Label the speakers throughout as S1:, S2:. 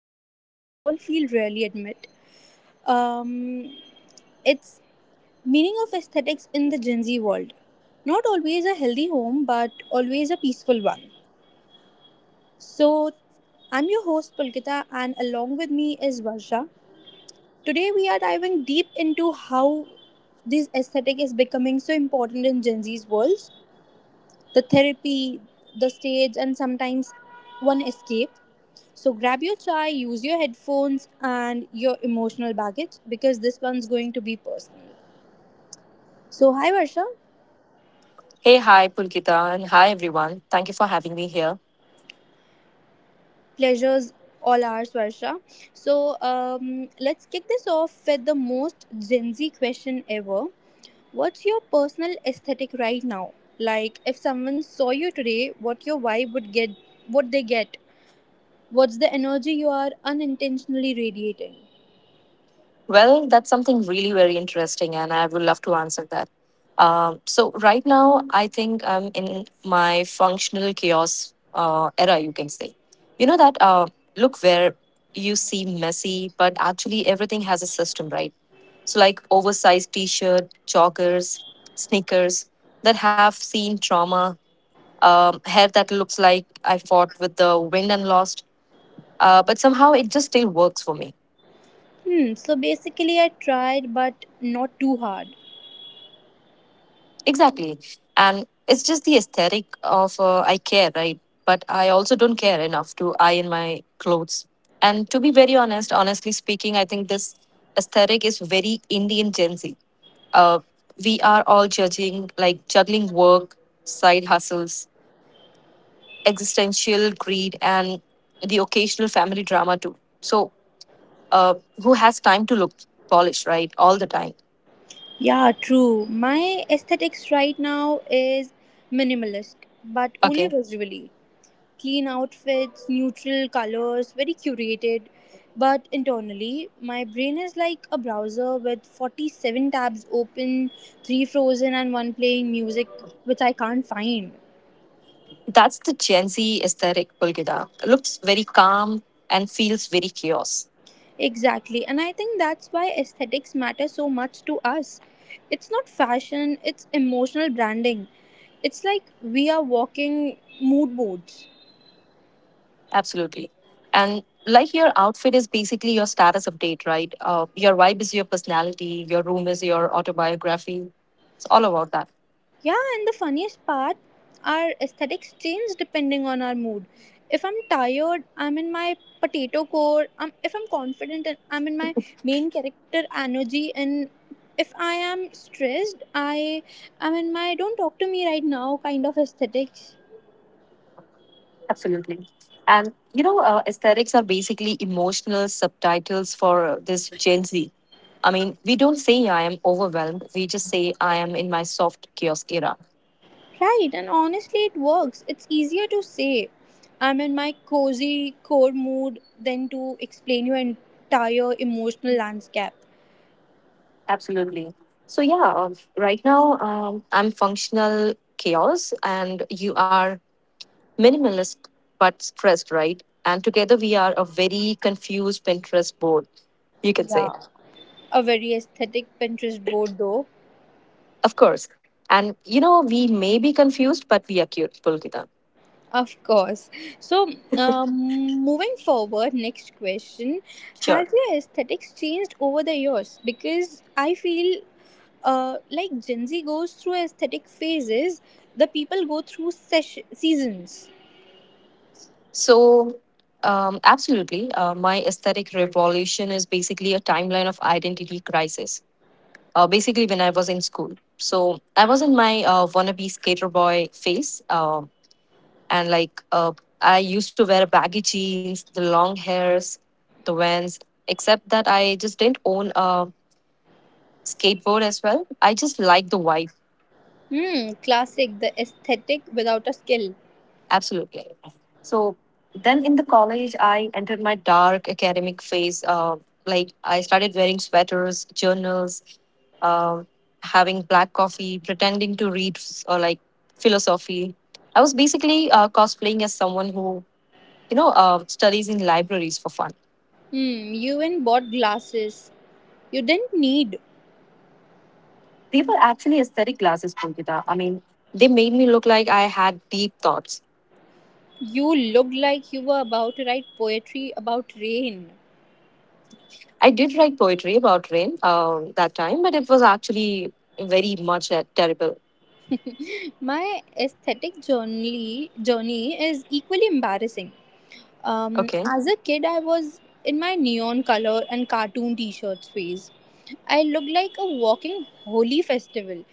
S1: is something we all feel rarely admit. Um, it's meaning of aesthetics in the Gen Z world. Not always a healthy home, but always a peaceful one. So, I'm your host Pulkita, and along with me is Varsha. Today, we are diving deep into how this aesthetic is becoming so important in Gen Z's worlds. The therapy, the stage, and sometimes one escape. So grab your chai, use your headphones and your emotional baggage because this one's going to be personal. So hi Varsha,
S2: Hey, hi, Pulkita, and hi, everyone. Thank you for having me here.
S1: pleasures all ours Varsha. So, let's kick this off with the most Gen Z question ever. What's your personal aesthetic right now? Like if someone saw you today, what your vibe would get, what they get? What's the energy you are unintentionally radiating?
S2: Well, that's something really very interesting, and I would love to answer that. Right now, I think I'm in my functional chaos era, you can say. You know that look where you see messy, but actually everything has a system, right? So, like oversized t shirt, joggers, sneakers that have seen trauma, hair that looks like I fought with the wind and lost, but somehow it just still works for me.
S1: Hmm, so basically I tried but not too hard.
S2: Exactly. And it's just the aesthetic of I care, right? But I also don't care enough to iron my clothes. And to be very honest, honestly speaking, I think this aesthetic is very Indian Gen Z. Uh, we are all judging, like juggling work, side hustles, existential greed, and the occasional family drama too. So, uh, who has time to look polished, right? All the time.
S1: Yeah, true. My aesthetics right now is minimalist, but only
S2: Okay.
S1: visually. Clean outfits, neutral colors, very curated. But internally, my brain is like a browser with 47 tabs open, 3 frozen, and 1 playing music which I can't find.
S2: That's the Gen Z aesthetic, Bulgida. Looks very calm and feels very chaos.
S1: Exactly, and I think that's why aesthetics matter so much to us. It's not fashion, it's emotional branding. It's like we are walking mood boards.
S2: Absolutely. And like your outfit is basically your status update, right? Your vibe is your personality, your room is your autobiography. It's all about that.
S1: Yeah, and the funniest part, our aesthetics change depending on our mood. If I'm tired, I'm in my potato core. If I'm confident, I'm in my main character energy. And if I am stressed, I am in my don't talk to me right now kind of aesthetics.
S2: Absolutely. And you know, aesthetics are basically emotional subtitles for this Gen Z. I mean, we don't say I am overwhelmed. We just say I am in my soft chaos era.
S1: Right, and honestly, it works. It's easier to say I'm in my cozy core mood than to explain your entire emotional landscape.
S2: Absolutely. So yeah, right now I'm functional chaos, and you are minimalist but stressed, right? And together we are a very confused Pinterest board, you could say.
S1: A very aesthetic Pinterest board, though.
S2: Of course. And you know, we may be confused, but we are cute, Pulkita.
S1: Of course. So, um, Moving forward, next question. Has
S2: Sure.
S1: your aesthetics changed over the years? Because I feel like Gen Z goes through aesthetic phases, the people go through seasons.
S2: So, absolutely, my aesthetic revolution is basically a timeline of identity crisis. Basically, when I was in school. So, I was in my wannabe skater boy phase. And like I used to wear baggy jeans, the long hairs, the vans. Except that I just didn't own a skateboard as well. I just liked the vibe,
S1: Hmm, classic, the aesthetic without a skill.
S2: absolutely. So then in the college, I entered my dark academic phase. Like I started wearing sweaters, journals, um, having black coffee, pretending to read f- or like philosophy. I was basically cosplaying as someone who studies in libraries for fun.
S1: Hmm, you even bought glasses. You didn't need.
S2: They were actually aesthetic glasses, Pulkita. I mean, they made me look like I had deep thoughts.
S1: You looked like you were about to write poetry about rain.
S2: I did write poetry about rain that time, but it was actually very much terrible.
S1: My aesthetic journey is equally embarrassing.
S2: Okay.
S1: As a kid, I was in my neon color and cartoon T-shirts phase. I looked like a walking holy festival.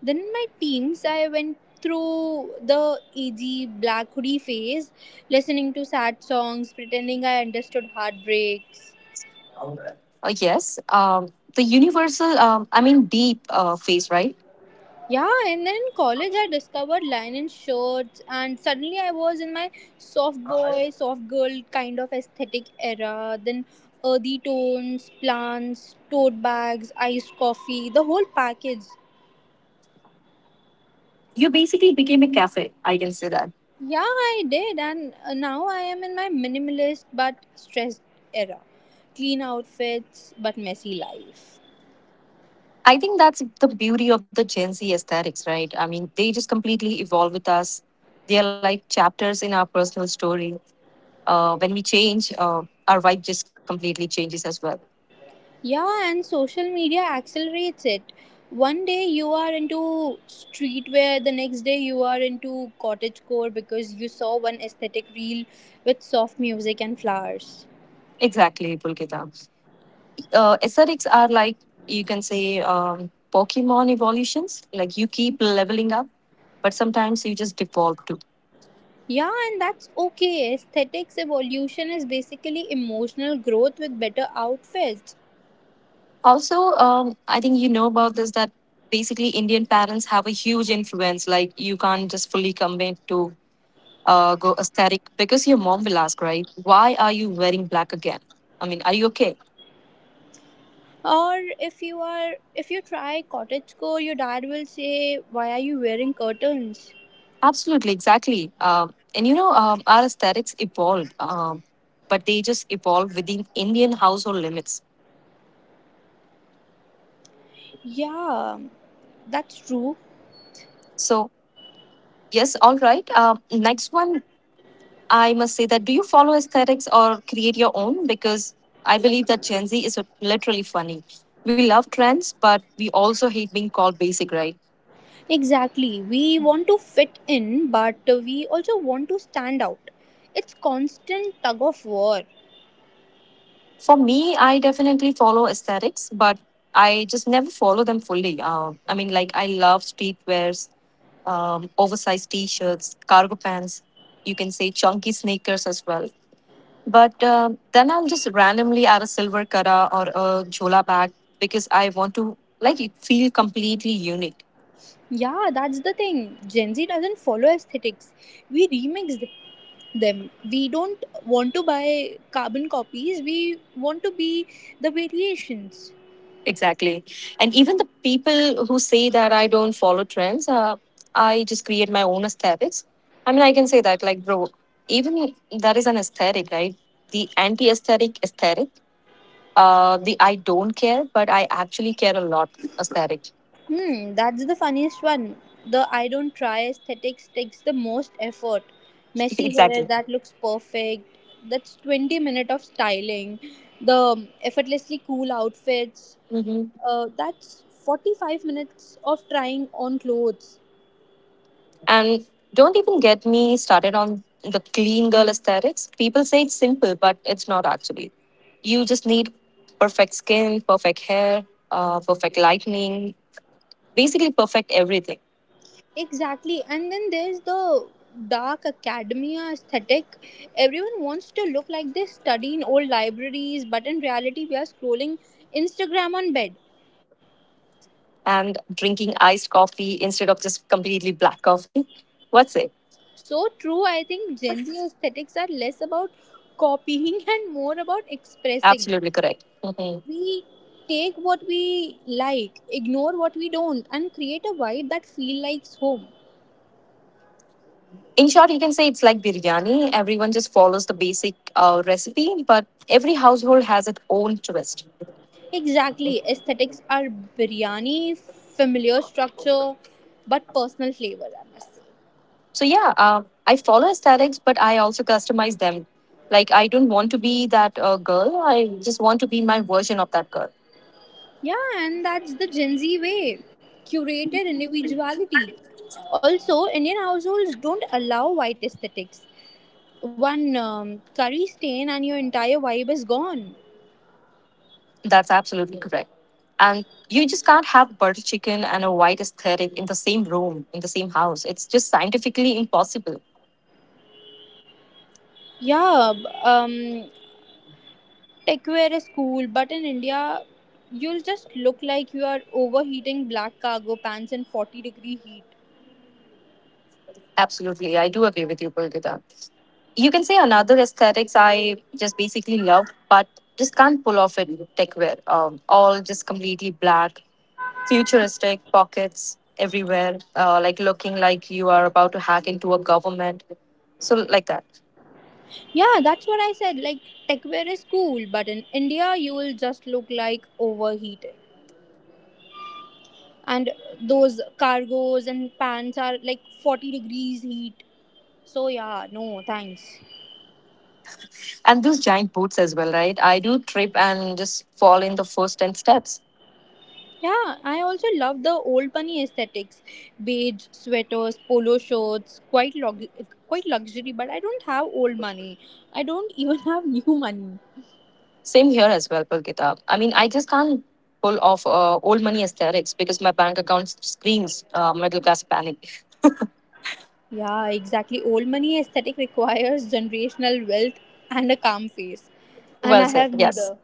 S1: Then in my teens, I went through the edgy black hoodie phase, listening to sad songs, pretending I understood heartbreaks.
S2: Yes. The universal, I mean, deep face, right?
S1: Yeah, and then in college I discovered linen shirts, and suddenly I was in my soft boy, soft girl kind of aesthetic era. Then earthy tones, plants, tote bags, iced coffee, the whole package.
S2: You basically became a cafe. I can say that.
S1: Yeah, I did, and now I am in my minimalist but stressed era. Clean outfits but messy life.
S2: I think that's the beauty of the Gen Z aesthetics, right? I mean, they just completely evolve with us. They are like chapters in our personal story. When we change, our vibe just completely changes as well.
S1: Yeah, and social media accelerates it. One day you are into streetwear, the next day you are into cottagecore because you saw one aesthetic reel with soft music and flowers.
S2: Exactly, Pulkita. Aesthetics are like, you can say, Pokemon evolutions. Like, you keep leveling up, but sometimes you just devolve too.
S1: Yeah, and that's okay. Aesthetics evolution is basically emotional growth with better outfits.
S2: Also, I think you know about this that basically Indian parents have a huge influence. Like, you can't just fully commit to go aesthetic because your mom will ask, right? Why are you wearing black again? I mean, are you okay?
S1: Or if you try cottagecore, your dad will say, "Why are you wearing curtains?"
S2: Absolutely, exactly. And you know, our aesthetics evolve, but they just evolve within Indian household limits.
S1: Yeah, that's true.
S2: So, yes, all right. Next one, I must say that do you follow aesthetics or create your own? Because I believe that Gen Z is literally funny. We love trends, but we also hate being called basic, right?
S1: Exactly. We want to fit in, but we also want to stand out. It's constant tug of war.
S2: For me, I definitely follow aesthetics, but I just never follow them fully. I mean, like, I love streetwears, oversized t shirts, cargo pants, you can say chunky sneakers as well. But then I'll just randomly add a silver kara or a jhola bag because I want to like it feel completely unique.
S1: Yeah, that's the thing. Gen Z doesn't follow aesthetics. We them. We don't want to buy carbon copies. We want to be the variations.
S2: Exactly. And even the people who say that I don't follow trends, I just create my own aesthetics. I mean, I can say that, like, bro, even that is an aesthetic, right? The anti aesthetic aesthetic, the I don't care, but I actually care a lot aesthetic.
S1: Hmm, that's the funniest one. The I don't try aesthetics takes the most effort. Messy hair
S2: Exactly.
S1: that looks perfect. That's 20 minutes of styling. The effortlessly cool outfits.
S2: Mhm.
S1: That's 45 minutes of trying on clothes.
S2: And don't even get me started on the clean girl aesthetics. People say it's simple, but it's not actually. You just need perfect skin, perfect hair, perfect lightning, basically perfect everything.
S1: Exactly. And then there's the dark academia aesthetic. Everyone wants to look like they study in old libraries, but in reality, we are scrolling Instagram on bed.
S2: And drinking iced coffee instead of just completely black coffee. What's it?
S1: So true, I think Gen Z aesthetics are less about copying and more about expressing.
S2: Absolutely correct. Mhm.
S1: We take what we like, ignore what we don't, and create a vibe that feels like home.
S2: In short, you can say it's like biryani. Everyone just follows the basic recipe, but every household has its own twist.
S1: Exactly, aesthetics are biryani, familiar structure, but personal flavor, I must say.
S2: So yeah, I follow aesthetics, but I also customize them. Like I don't want to be that girl. I just want to be my version of that girl.
S1: Yeah, and that's the Gen Z way curated individuality. Also, Indian households don't allow white aesthetics. One curry stain and your entire vibe is gone.
S2: That's absolutely correct. And you just can't have butter chicken and a white aesthetic in the same room, in the same house. It's just scientifically impossible.
S1: Yeah, b- um, Techwear is cool, but in India, you'll just look like you are overheating black cargo pants in 40-degree heat.
S2: Absolutely, I do agree with you, Pulkita. You can say another aesthetics I just basically love, but just can't pull off it. Techwear, all just completely black futuristic pockets everywhere, like looking like you are about to hack into a government. So like that,
S1: Yeah, that's what I said. Like, techwear is cool, but in India, you will just look like overheating. And those cargos and pants are like 40 degrees heat. So, yeah, no, thanks.
S2: and those giant boots as well, right? I do trip and just fall in the first 10 steps.
S1: Yeah, I also love the old money aesthetics, beige sweaters, polo shirts, quite luxury. But I don't have old money. I don't even have new money.
S2: Same here as well, Pulkita. I mean, I just can't pull off old money aesthetics because my bank account screams middle class panic.
S1: Yeah, exactly. Old money aesthetic requires generational wealth and a calm face,
S2: Well
S1: and I
S2: said.
S1: have
S2: Yes.
S1: neither.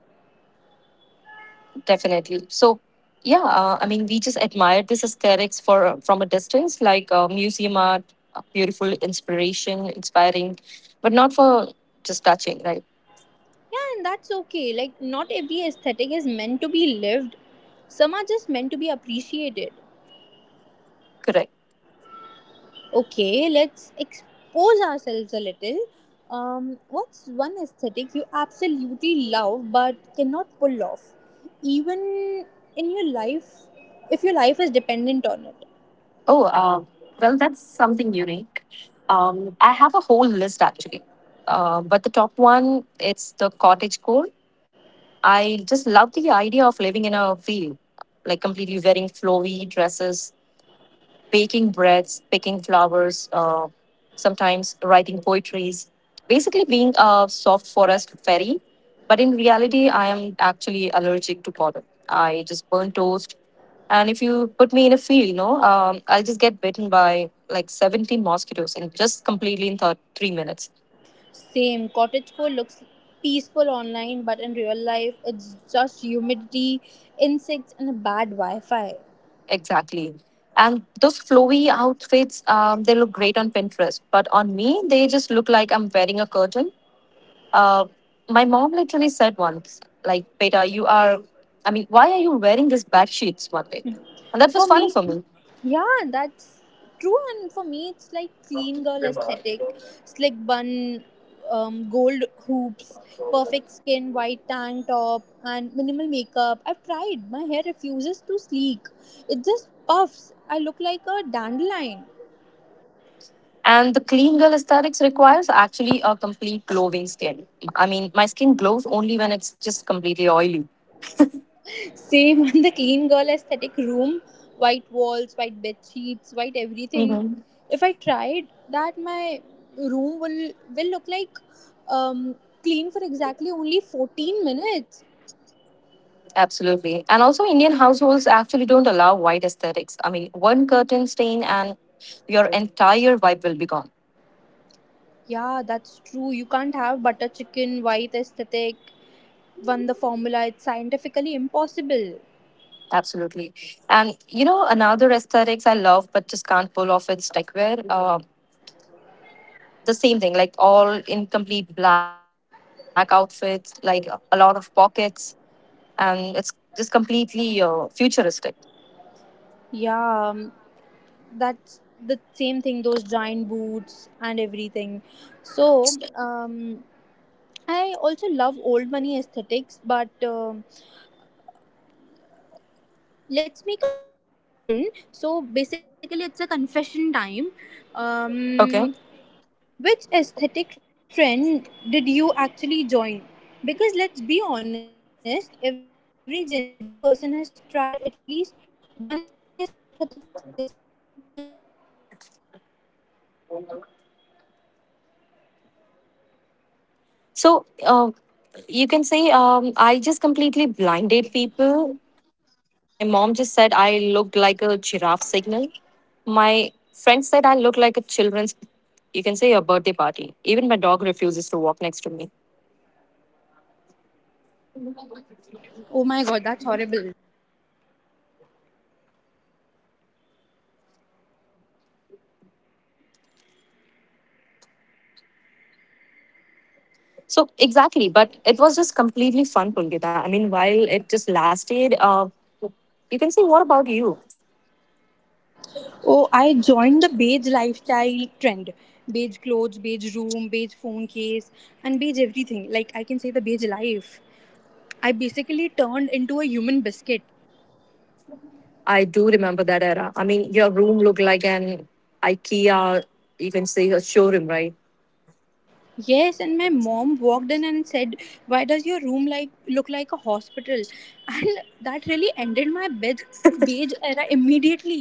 S2: Definitely. So, yeah, I mean, we just admired this aesthetics for from a distance, like museum art, beautiful inspiration, inspiring, but not for just touching, right?
S1: Yeah, and that's okay. Like not every aesthetic is meant to be lived. Some are just meant to be appreciated.
S2: Correct.
S1: Okay, let's expose ourselves a little. What's one aesthetic you absolutely love but cannot pull off, even in your life, if your life is dependent on it?
S2: Oh, well, that's something unique. I have a whole list actually, but the top one it's the cottage core. I just love the idea of living in a field, like completely wearing flowy dresses baking breads, picking flowers, sometimes writing poetries, basically being a soft forest fairy. But in reality, I am actually allergic to pollen. I just burn toast. And if you put me in a field, you know, I'll just get bitten by like 17 mosquitoes and just completely in 3 minutes.
S1: Same, cottagecore looks peaceful online, but in real life, it's just humidity, insects, and a bad Wi Fi.
S2: Exactly. And those flowy outfits, they look great on Pinterest. But on me, they just look like I'm wearing a curtain. Uh, my mom literally said once, like, Beta, you are, I mean, why are you wearing these bad sheets one day? And that was
S1: For me,
S2: funny for me.
S1: yeah, that's true. And for me, it's like clean girl aesthetic, slick bun, gold hoops, perfect skin, white tank top, and minimal makeup. I've tried. My hair refuses to sleek. It just puffs. I look like a dandelion.
S2: And the clean girl aesthetics requires actually a complete glowing skin. I mean, my skin glows only when it's just completely oily.
S1: Same on the clean girl aesthetic room, white walls, white bed sheets, white everything.
S2: Hmm.
S1: If I tried that, my room will look like um, clean for exactly only 14 minutes.
S2: Absolutely. And also, Indian households actually don't allow white aesthetics. I mean, one curtain stain and your entire vibe will be gone.
S1: Yeah, that's true. You can't have butter chicken, white aesthetic, won the formula. It's scientifically impossible.
S2: Absolutely. And you know, another aesthetics I love but just can't pull off is techwear. The same thing, like all in complete black outfits, like a lot of pockets, and it's just completely futuristic.
S1: Yeah, um, that's the same thing. Those giant boots and everything. So, I also love old money aesthetics, but let's make a confession. So basically, it's a confession time.
S2: Okay.
S1: Um, which aesthetic trend did you actually join? Because let's be honest, every Gen Z person has tried at least one aesthetic seriously, even if it is lasting only for 48 hours.
S2: So
S1: So,
S2: you can say I just completely blinded people. My mom just said I looked like a giraffe signal. My friend said I look like a children's, you can say, a birthday party. Even my dog refuses to walk next to me.
S1: oh my god, that's horrible.
S2: So exactly, but it was just completely fun, Pulgita. I mean, while it just lasted, you can say, what about you?
S1: Oh, I joined the beige lifestyle trend. Beige clothes, beige room, beige phone case, and beige everything. Like, I can say the beige life. I basically turned into a human biscuit.
S2: I do remember that era. I mean, your room looked like an IKEA, you can say, a showroom, right?
S1: Yes, and my mom walked in and said, "Why does your room look like a hospital?" And that really ended my beige era immediately.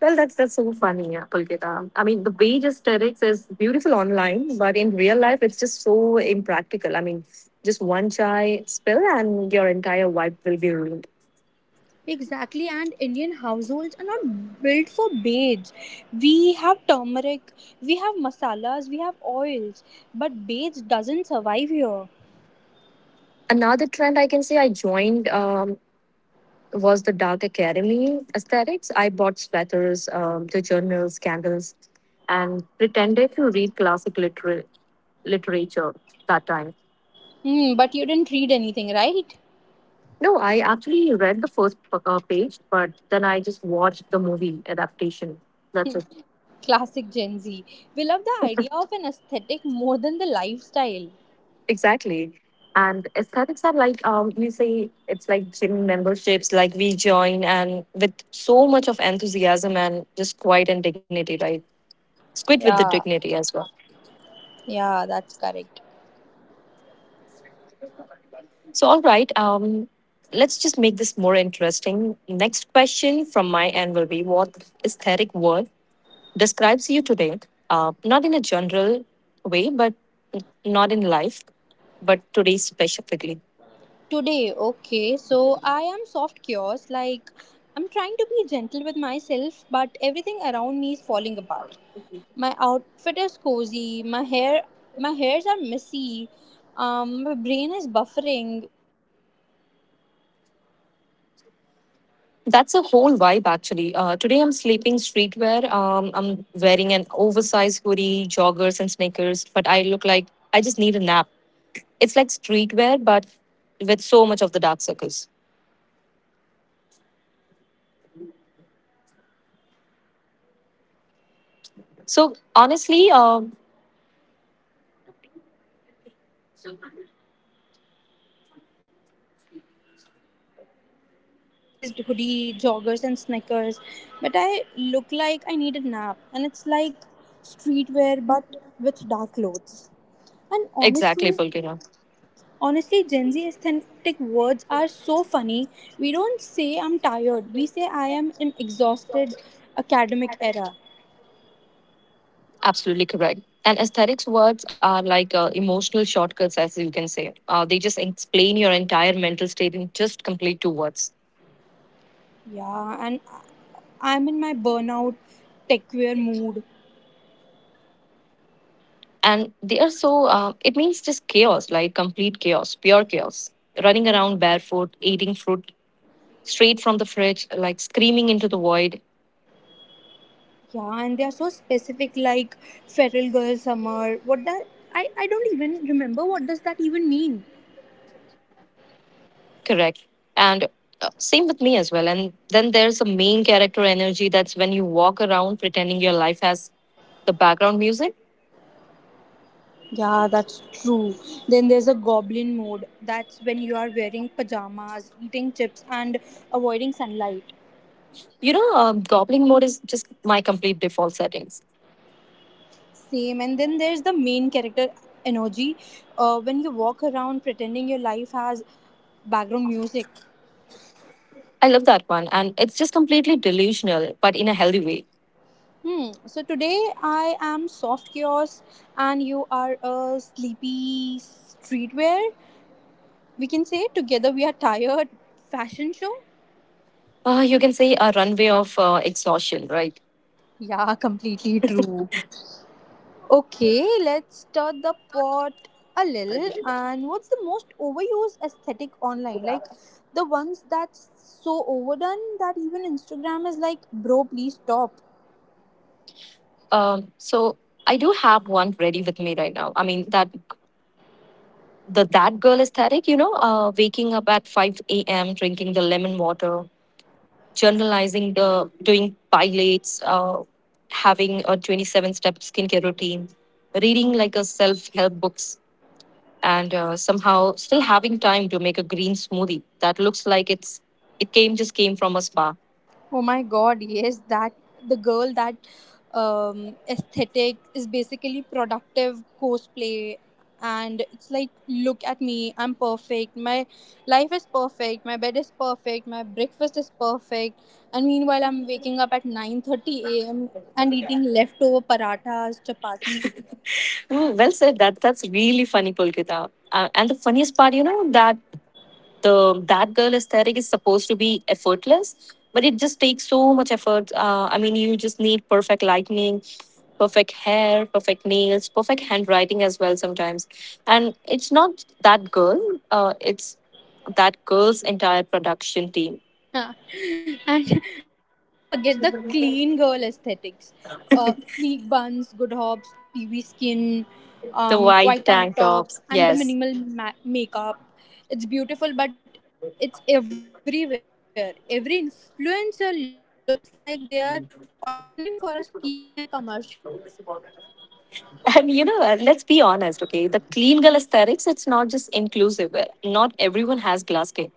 S2: Well, that's so funny, yeah, Pulgita. I mean, the beige aesthetics is beautiful online, but in real life, it's just so impractical. I mean, just one chai spill and your entire vibe will be ruined.
S1: Exactly, and Indian households are not built for beige. We have turmeric, we have masalas, we have oils, but beige doesn't survive here.
S2: Another trend I can say I joined. Was the dark academy aesthetics. I bought sweaters, the journals, candles, and pretended to read classic literature that time.
S1: Hmm, but you didn't read anything, right?
S2: No, I actually read the first page, but then I just watched the movie adaptation. That's it.
S1: Classic Gen Z. We love the idea of an aesthetic more than the lifestyle.
S2: Exactly. And aesthetics are like you say it's like gym memberships, like we join and with so much of enthusiasm and just quiet and dignity, right? It's quite with the
S1: Yeah,
S2: dignity as well.
S1: yeah, that's correct.
S2: So, all right, let's just make this more interesting. Next question from my end will be, what aesthetic word describes you today? Not in a general way, but not in life, but today specifically.
S1: Today, okay, so I am soft cures, like I'm trying to be gentle with myself, but everything around me is falling apart. My outfit is cozy. My hairs are messy. My brain is buffering. So soft chaos.
S2: That's a whole vibe actually. Today I'm sleeping streetwear. I'm wearing an oversized hoodie, joggers, and sneakers, but I look like I just need a nap. It's like streetwear, but with so much of the dark circles. So
S1: And you know
S2: honestly,
S1: this soft chaos. This is the whole vibe today. So I'm Sometimes it's sleepy streetwear. I'm wearing an oversized hoodie, joggers, and sneakers. But I look like I need a nap. And it's like streetwear, but with dark clothes. And
S2: exactly,
S1: honestly,
S2: Pulkina.
S1: Honestly, Gen Z aesthetic words are so funny. We don't say I'm tired, we say I am in exhausted academic era.
S2: Absolutely correct. And aesthetics words are like emotional shortcuts, as you can say. They just explain your entire mental state in just complete two words.
S1: Yeah, and I'm in my burnout techwear mood.
S2: And they are so, it means just chaos, like complete chaos, pure chaos. Running around barefoot, eating fruit straight from the fridge, like screaming into the void.
S1: Yeah, and they are so specific like feral girl summer. What that I don't even remember what does that even mean.
S2: Correct. And same with me as well. And then there's a main character energy. That's when you walk around pretending your life has the background music.
S1: Yeah, that's true. Then there's a goblin mode. That's when you are wearing pajamas, eating chips and avoiding sunlight.
S2: You know, gobbling mode is just my complete default settings.
S1: Same, and then there's the main character energy when you walk around pretending your life has background music.
S2: I love that one, and it's just completely delusional, but in a healthy way.
S1: Hmm, so today I am soft chaos and you are a sleepy streetwear. We can say together we are tired fashion show.
S2: You can say a runway of exhaustion, right?
S1: Yeah, completely true. Okay, let's stir the pot a little. And what's the most overused aesthetic online? Like the ones that's so overdone that even Instagram is like, bro, please stop.
S2: So I do have one ready with me right now. I mean that the that girl aesthetic, you know, waking up at 5 a.m., drinking the lemon water, journalizing the doing pilates, having a 27 step skincare routine, reading like a self help books, and somehow still having time to make a green smoothie that looks like it came, just came from a spa.
S1: Oh my god, yes, that the girl that aesthetic is basically productive cosplay, and it's like, look at me, I'm perfect, my life is perfect, my bed is perfect, my breakfast is perfect, and meanwhile, I'm waking up at 9:30 a.m. and eating leftover parathas, chapati.
S2: Oh, well said. That's really funny, Pulkita. And the funniest part, you know, that the that girl aesthetic is supposed to be effortless, but it just takes so much effort. I mean, you just need perfect lighting, perfect hair, perfect nails, perfect handwriting as well sometimes. And it's not that girl. It's that girl's entire production team.
S1: Yeah. and and don't forget the clean girl aesthetics. Sleek buns, good hobs, TV skin,
S2: The white
S1: white
S2: tank
S1: tank
S2: tops,
S1: tops, and
S2: yes.
S1: the minimal makeup. It's beautiful, but it's everywhere. Every influencer looks like they are auditioning for a skincare commercial.
S2: And you know, let's be honest, okay? The clean girl aesthetics, it's not just inclusive. Not everyone has glass skin.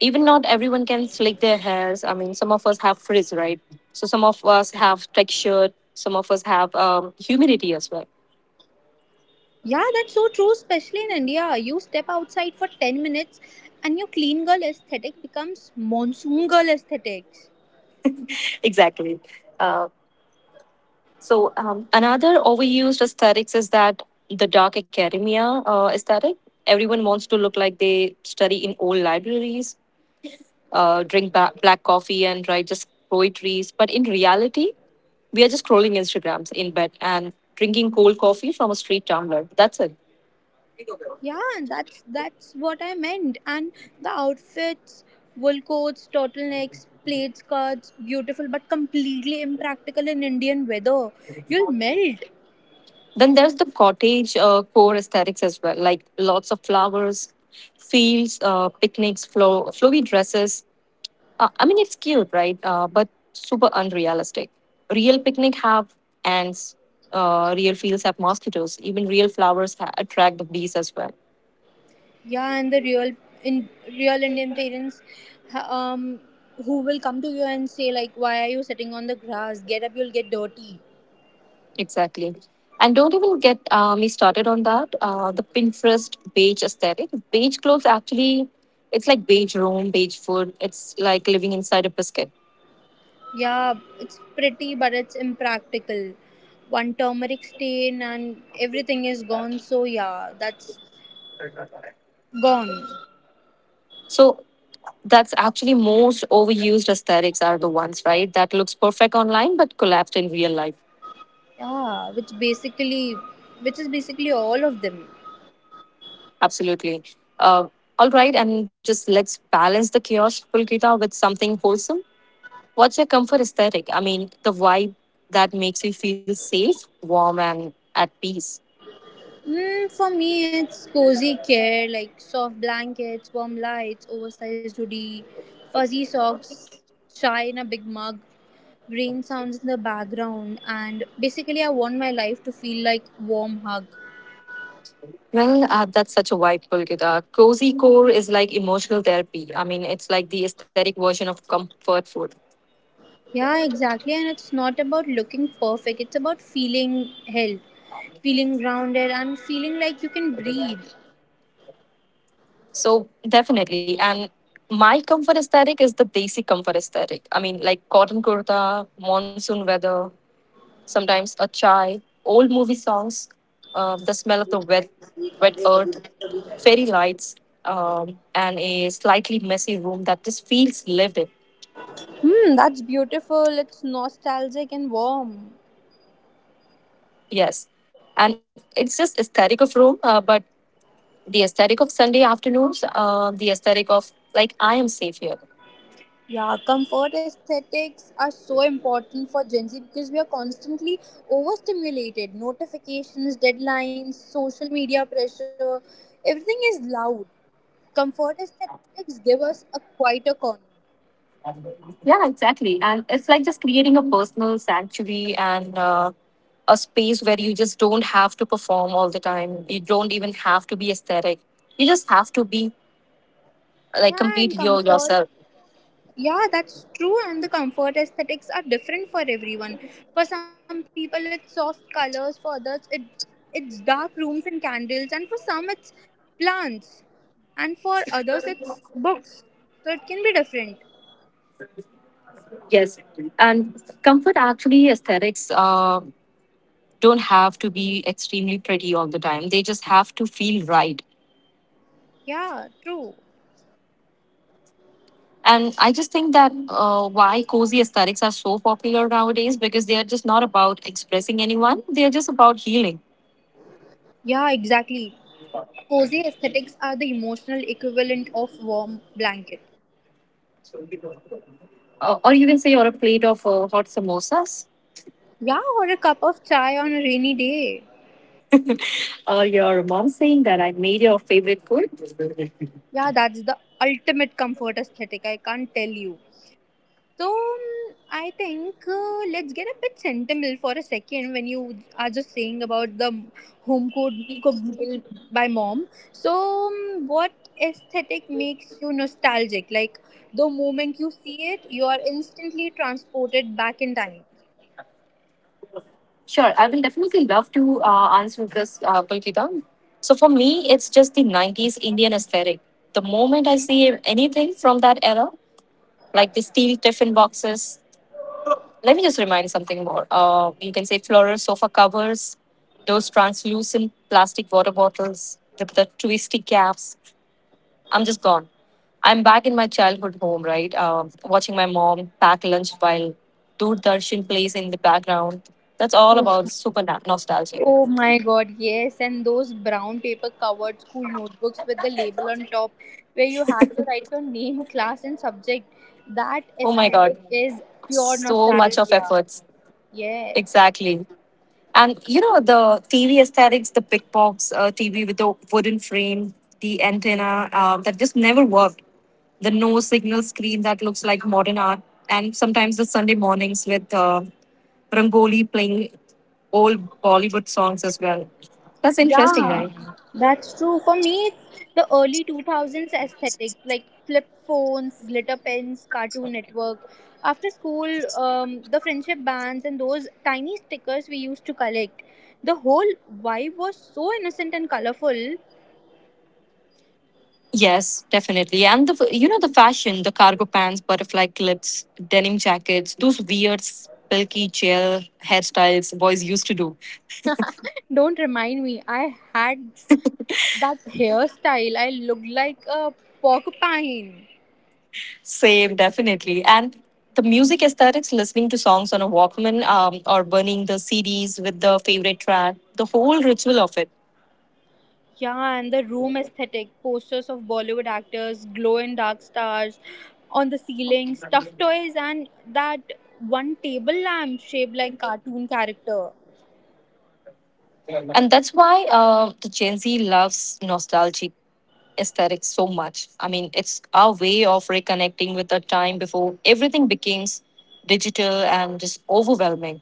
S2: Even not everyone can slick their hairs. I mean, some of us have frizz, right? So some of us have texture. Some of us have humidity as well.
S1: Yeah, that's so true, especially in India. You step outside for 10 minutes and your clean girl aesthetic becomes monsoon girl aesthetic.
S2: Exactly. Uh, so another overused aesthetics is that the dark academia aesthetic. Everyone wants to look like they study in old libraries, drink ba- black coffee and write just poetries. But in reality, we are just scrolling Instagrams in bed and drinking cold coffee from a street tumbler. That's it.
S1: Yeah, that's what I meant. And the outfits, wool coats, turtlenecks, plaid skirts, beautiful but completely impractical in Indian weather. You'll melt.
S2: Then there's the cottage core aesthetics as well, like lots of flowers, fields, picnics, flowy dresses. I mean, it's cute, right? But super unrealistic. Real picnic have ants. Real fields have mosquitoes. Even real flowers attract the bees as well.
S1: Yeah, and the real in real Indian parents, ha- um, who will come to you and say like, "Why are you sitting on the grass? Get up, you'll get dirty."
S2: Exactly. And don't even get me started on that. The Pinterest beige aesthetic. Beige clothes actually, it's like beige room, beige food. It's like living inside a biscuit.
S1: Yeah, it's pretty, but it's impractical. One turmeric stain and everything is gone. So yeah, that's gone.
S2: So that's actually most overused aesthetics are the ones, right? That looks perfect online but collapsed in real life.
S1: Yeah, which basically, which is basically all of them.
S2: Absolutely. Uh, all right, and just let's balance the chaos, Pulkita, with something wholesome. What's your comfort aesthetic? I mean, the vibe that makes you feel safe, warm, and at peace.
S1: Mm, for me, it's cozy care like soft blankets, warm lights, oversized hoodie, fuzzy socks, chai in a big mug, rain sounds in the background, and basically, I want my life to feel like warm hug.
S2: Well, that's such a vibe, Pulkita. Cozy core is like emotional therapy. I mean, it's like the aesthetic version of comfort food.
S1: Yeah, exactly, and it's not about looking perfect. It's about feeling held, feeling grounded, and feeling like you can breathe.
S2: So, definitely. And my comfort aesthetic is the desi comfort aesthetic. I mean, like cotton kurta, monsoon weather, sometimes a chai, old movie songs, the smell of the wet earth, fairy lights, and a slightly messy room that just feels lived in.
S1: Hmm, that's beautiful. It's nostalgic and warm.
S2: Yes. And it's just aesthetic of room, but the aesthetic of Sunday afternoons, the aesthetic of like I am safe here.
S1: Yeah, comfort aesthetics are so important for Gen Z because we are constantly overstimulated. Notifications, deadlines, social media pressure, everything is loud. Comfort aesthetics give us a quieter corner.
S2: Yeah, exactly. And it's like just creating a personal sanctuary and a space where you just don't have to perform all the time. You don't even have to be aesthetic. You just have to be like
S1: Yeah,
S2: complete
S1: and comfort.
S2: yourself.
S1: Yeah, that's true. And the comfort aesthetics are different for everyone. For some people, it's soft colors. For others, it's dark rooms and candles. And for some, it's plants. And for others, it's books. So it can be different.
S2: Yes, and comfort actually aesthetics don't have to be extremely pretty all the time. They just have to feel right.
S1: Yeah, true.
S2: And I just think that why cozy aesthetics are so popular nowadays because they are just not about expressing anyone, they are just about healing.
S1: Yeah, exactly. Cozy aesthetics are the emotional equivalent of warm blanket.
S2: Or you can say you're a plate of hot samosas.
S1: Yeah, or a cup of chai on a rainy day.
S2: Or your mom saying that I made your favorite food.
S1: Yeah, that's the ultimate comfort aesthetic. I can't tell you. So I think let's get a bit sentimental for a second when you are just saying about the home cooked meal by mom. So what aesthetic makes you nostalgic? Like the moment you see it, you are instantly transported back in time.
S2: Sure, I will definitely love to answer this, Pulkita. So for me, it's just the 90s Indian aesthetic. The moment I see anything from that era, like the steel tiffin boxes. Let me just remind something more. You can say floral sofa covers, those translucent plastic water bottles, the twisty caps. I'm just gone. I'm back in my childhood home, right? Watching my mom pack lunch while Doordarshan plays in the background. That's all about super na- nostalgic.
S1: Oh my god, yes, and those brown paper covered school notebooks with the label on top where you had to write your name, class, and subject. That
S2: Oh my god,
S1: aesthetic is pure
S2: so much of
S1: nostalgia.
S2: efforts.
S1: Yes.
S2: Exactly. And you know the TV aesthetics, the Pickbox TV with the wooden frame, the antenna that just never worked. The no signal screen that looks like modern art, and sometimes the Sunday mornings with Rangoli playing old Bollywood songs as well. That's interesting,
S1: Yeah,
S2: right?
S1: that's true. For me, it's the early 2000s aesthetic, like flip phones, glitter pens, Cartoon Network. After school, the friendship bands and those tiny stickers we used to collect. The whole vibe was so innocent and colorful.
S2: Yes, definitely. And you know the fashion, the cargo pants, butterfly clips, denim jackets, those weird silky gel hairstyles boys used to do.
S1: Don't remind me, I had that hairstyle. I looked like a porcupine.
S2: Same, definitely. And the music aesthetics, listening to songs on a Walkman, or burning the CDs with the favorite track, the whole ritual of it.
S1: Yeah, and the room aesthetic posters of Bollywood actors, glow in dark stars on the ceiling, stuffed toys, and that one table lamp shaped like cartoon character.
S2: And that's why the Gen Z loves nostalgic aesthetics so much. I mean, it's our way of reconnecting with the time before everything becomes digital and just overwhelming.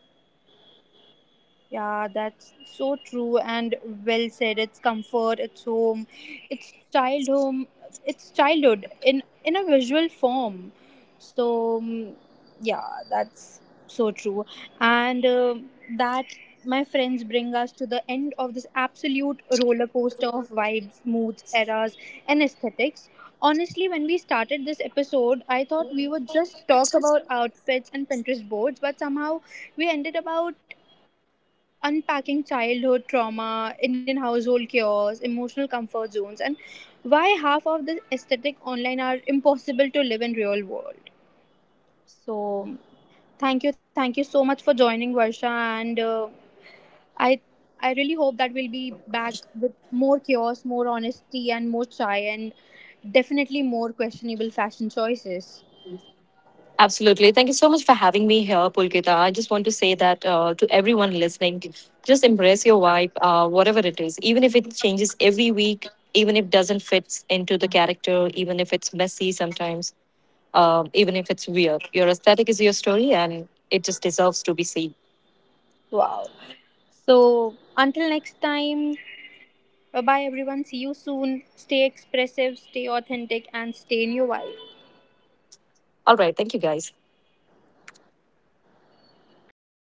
S1: Yeah, that's so true and well said. It's comfort, it's home, it's child home, it's childhood in a visual form. So mm, yeah, that's so true. And that my friends bring us to the end of this absolute roller coaster of vibes, moods, eras, and aesthetics. Honestly, when we started this episode, I thought we would just talk about outfits and Pinterest boards, but somehow we ended about unpacking childhood trauma, Indian household chaos, emotional comfort zones, and why half of the aesthetic online are impossible to live in real world. So thank you so much for joining, Varsha, and I I really hope that we'll be back with more chaos, more honesty, and more chai, and definitely more questionable fashion choices.
S2: Absolutely. Thank you so much for having me here, Pulkita. I just want to say that to everyone listening, just embrace your vibe, whatever it is, even if it changes every week, even if it doesn't fit into the character, even if it's messy sometimes, even if it's weird. Your aesthetic is your story and it just deserves to be seen.
S1: Wow. So until next time, bye bye, everyone. See you soon. Stay expressive, stay authentic, and stay in your wild.
S2: All right. Thank you, guys.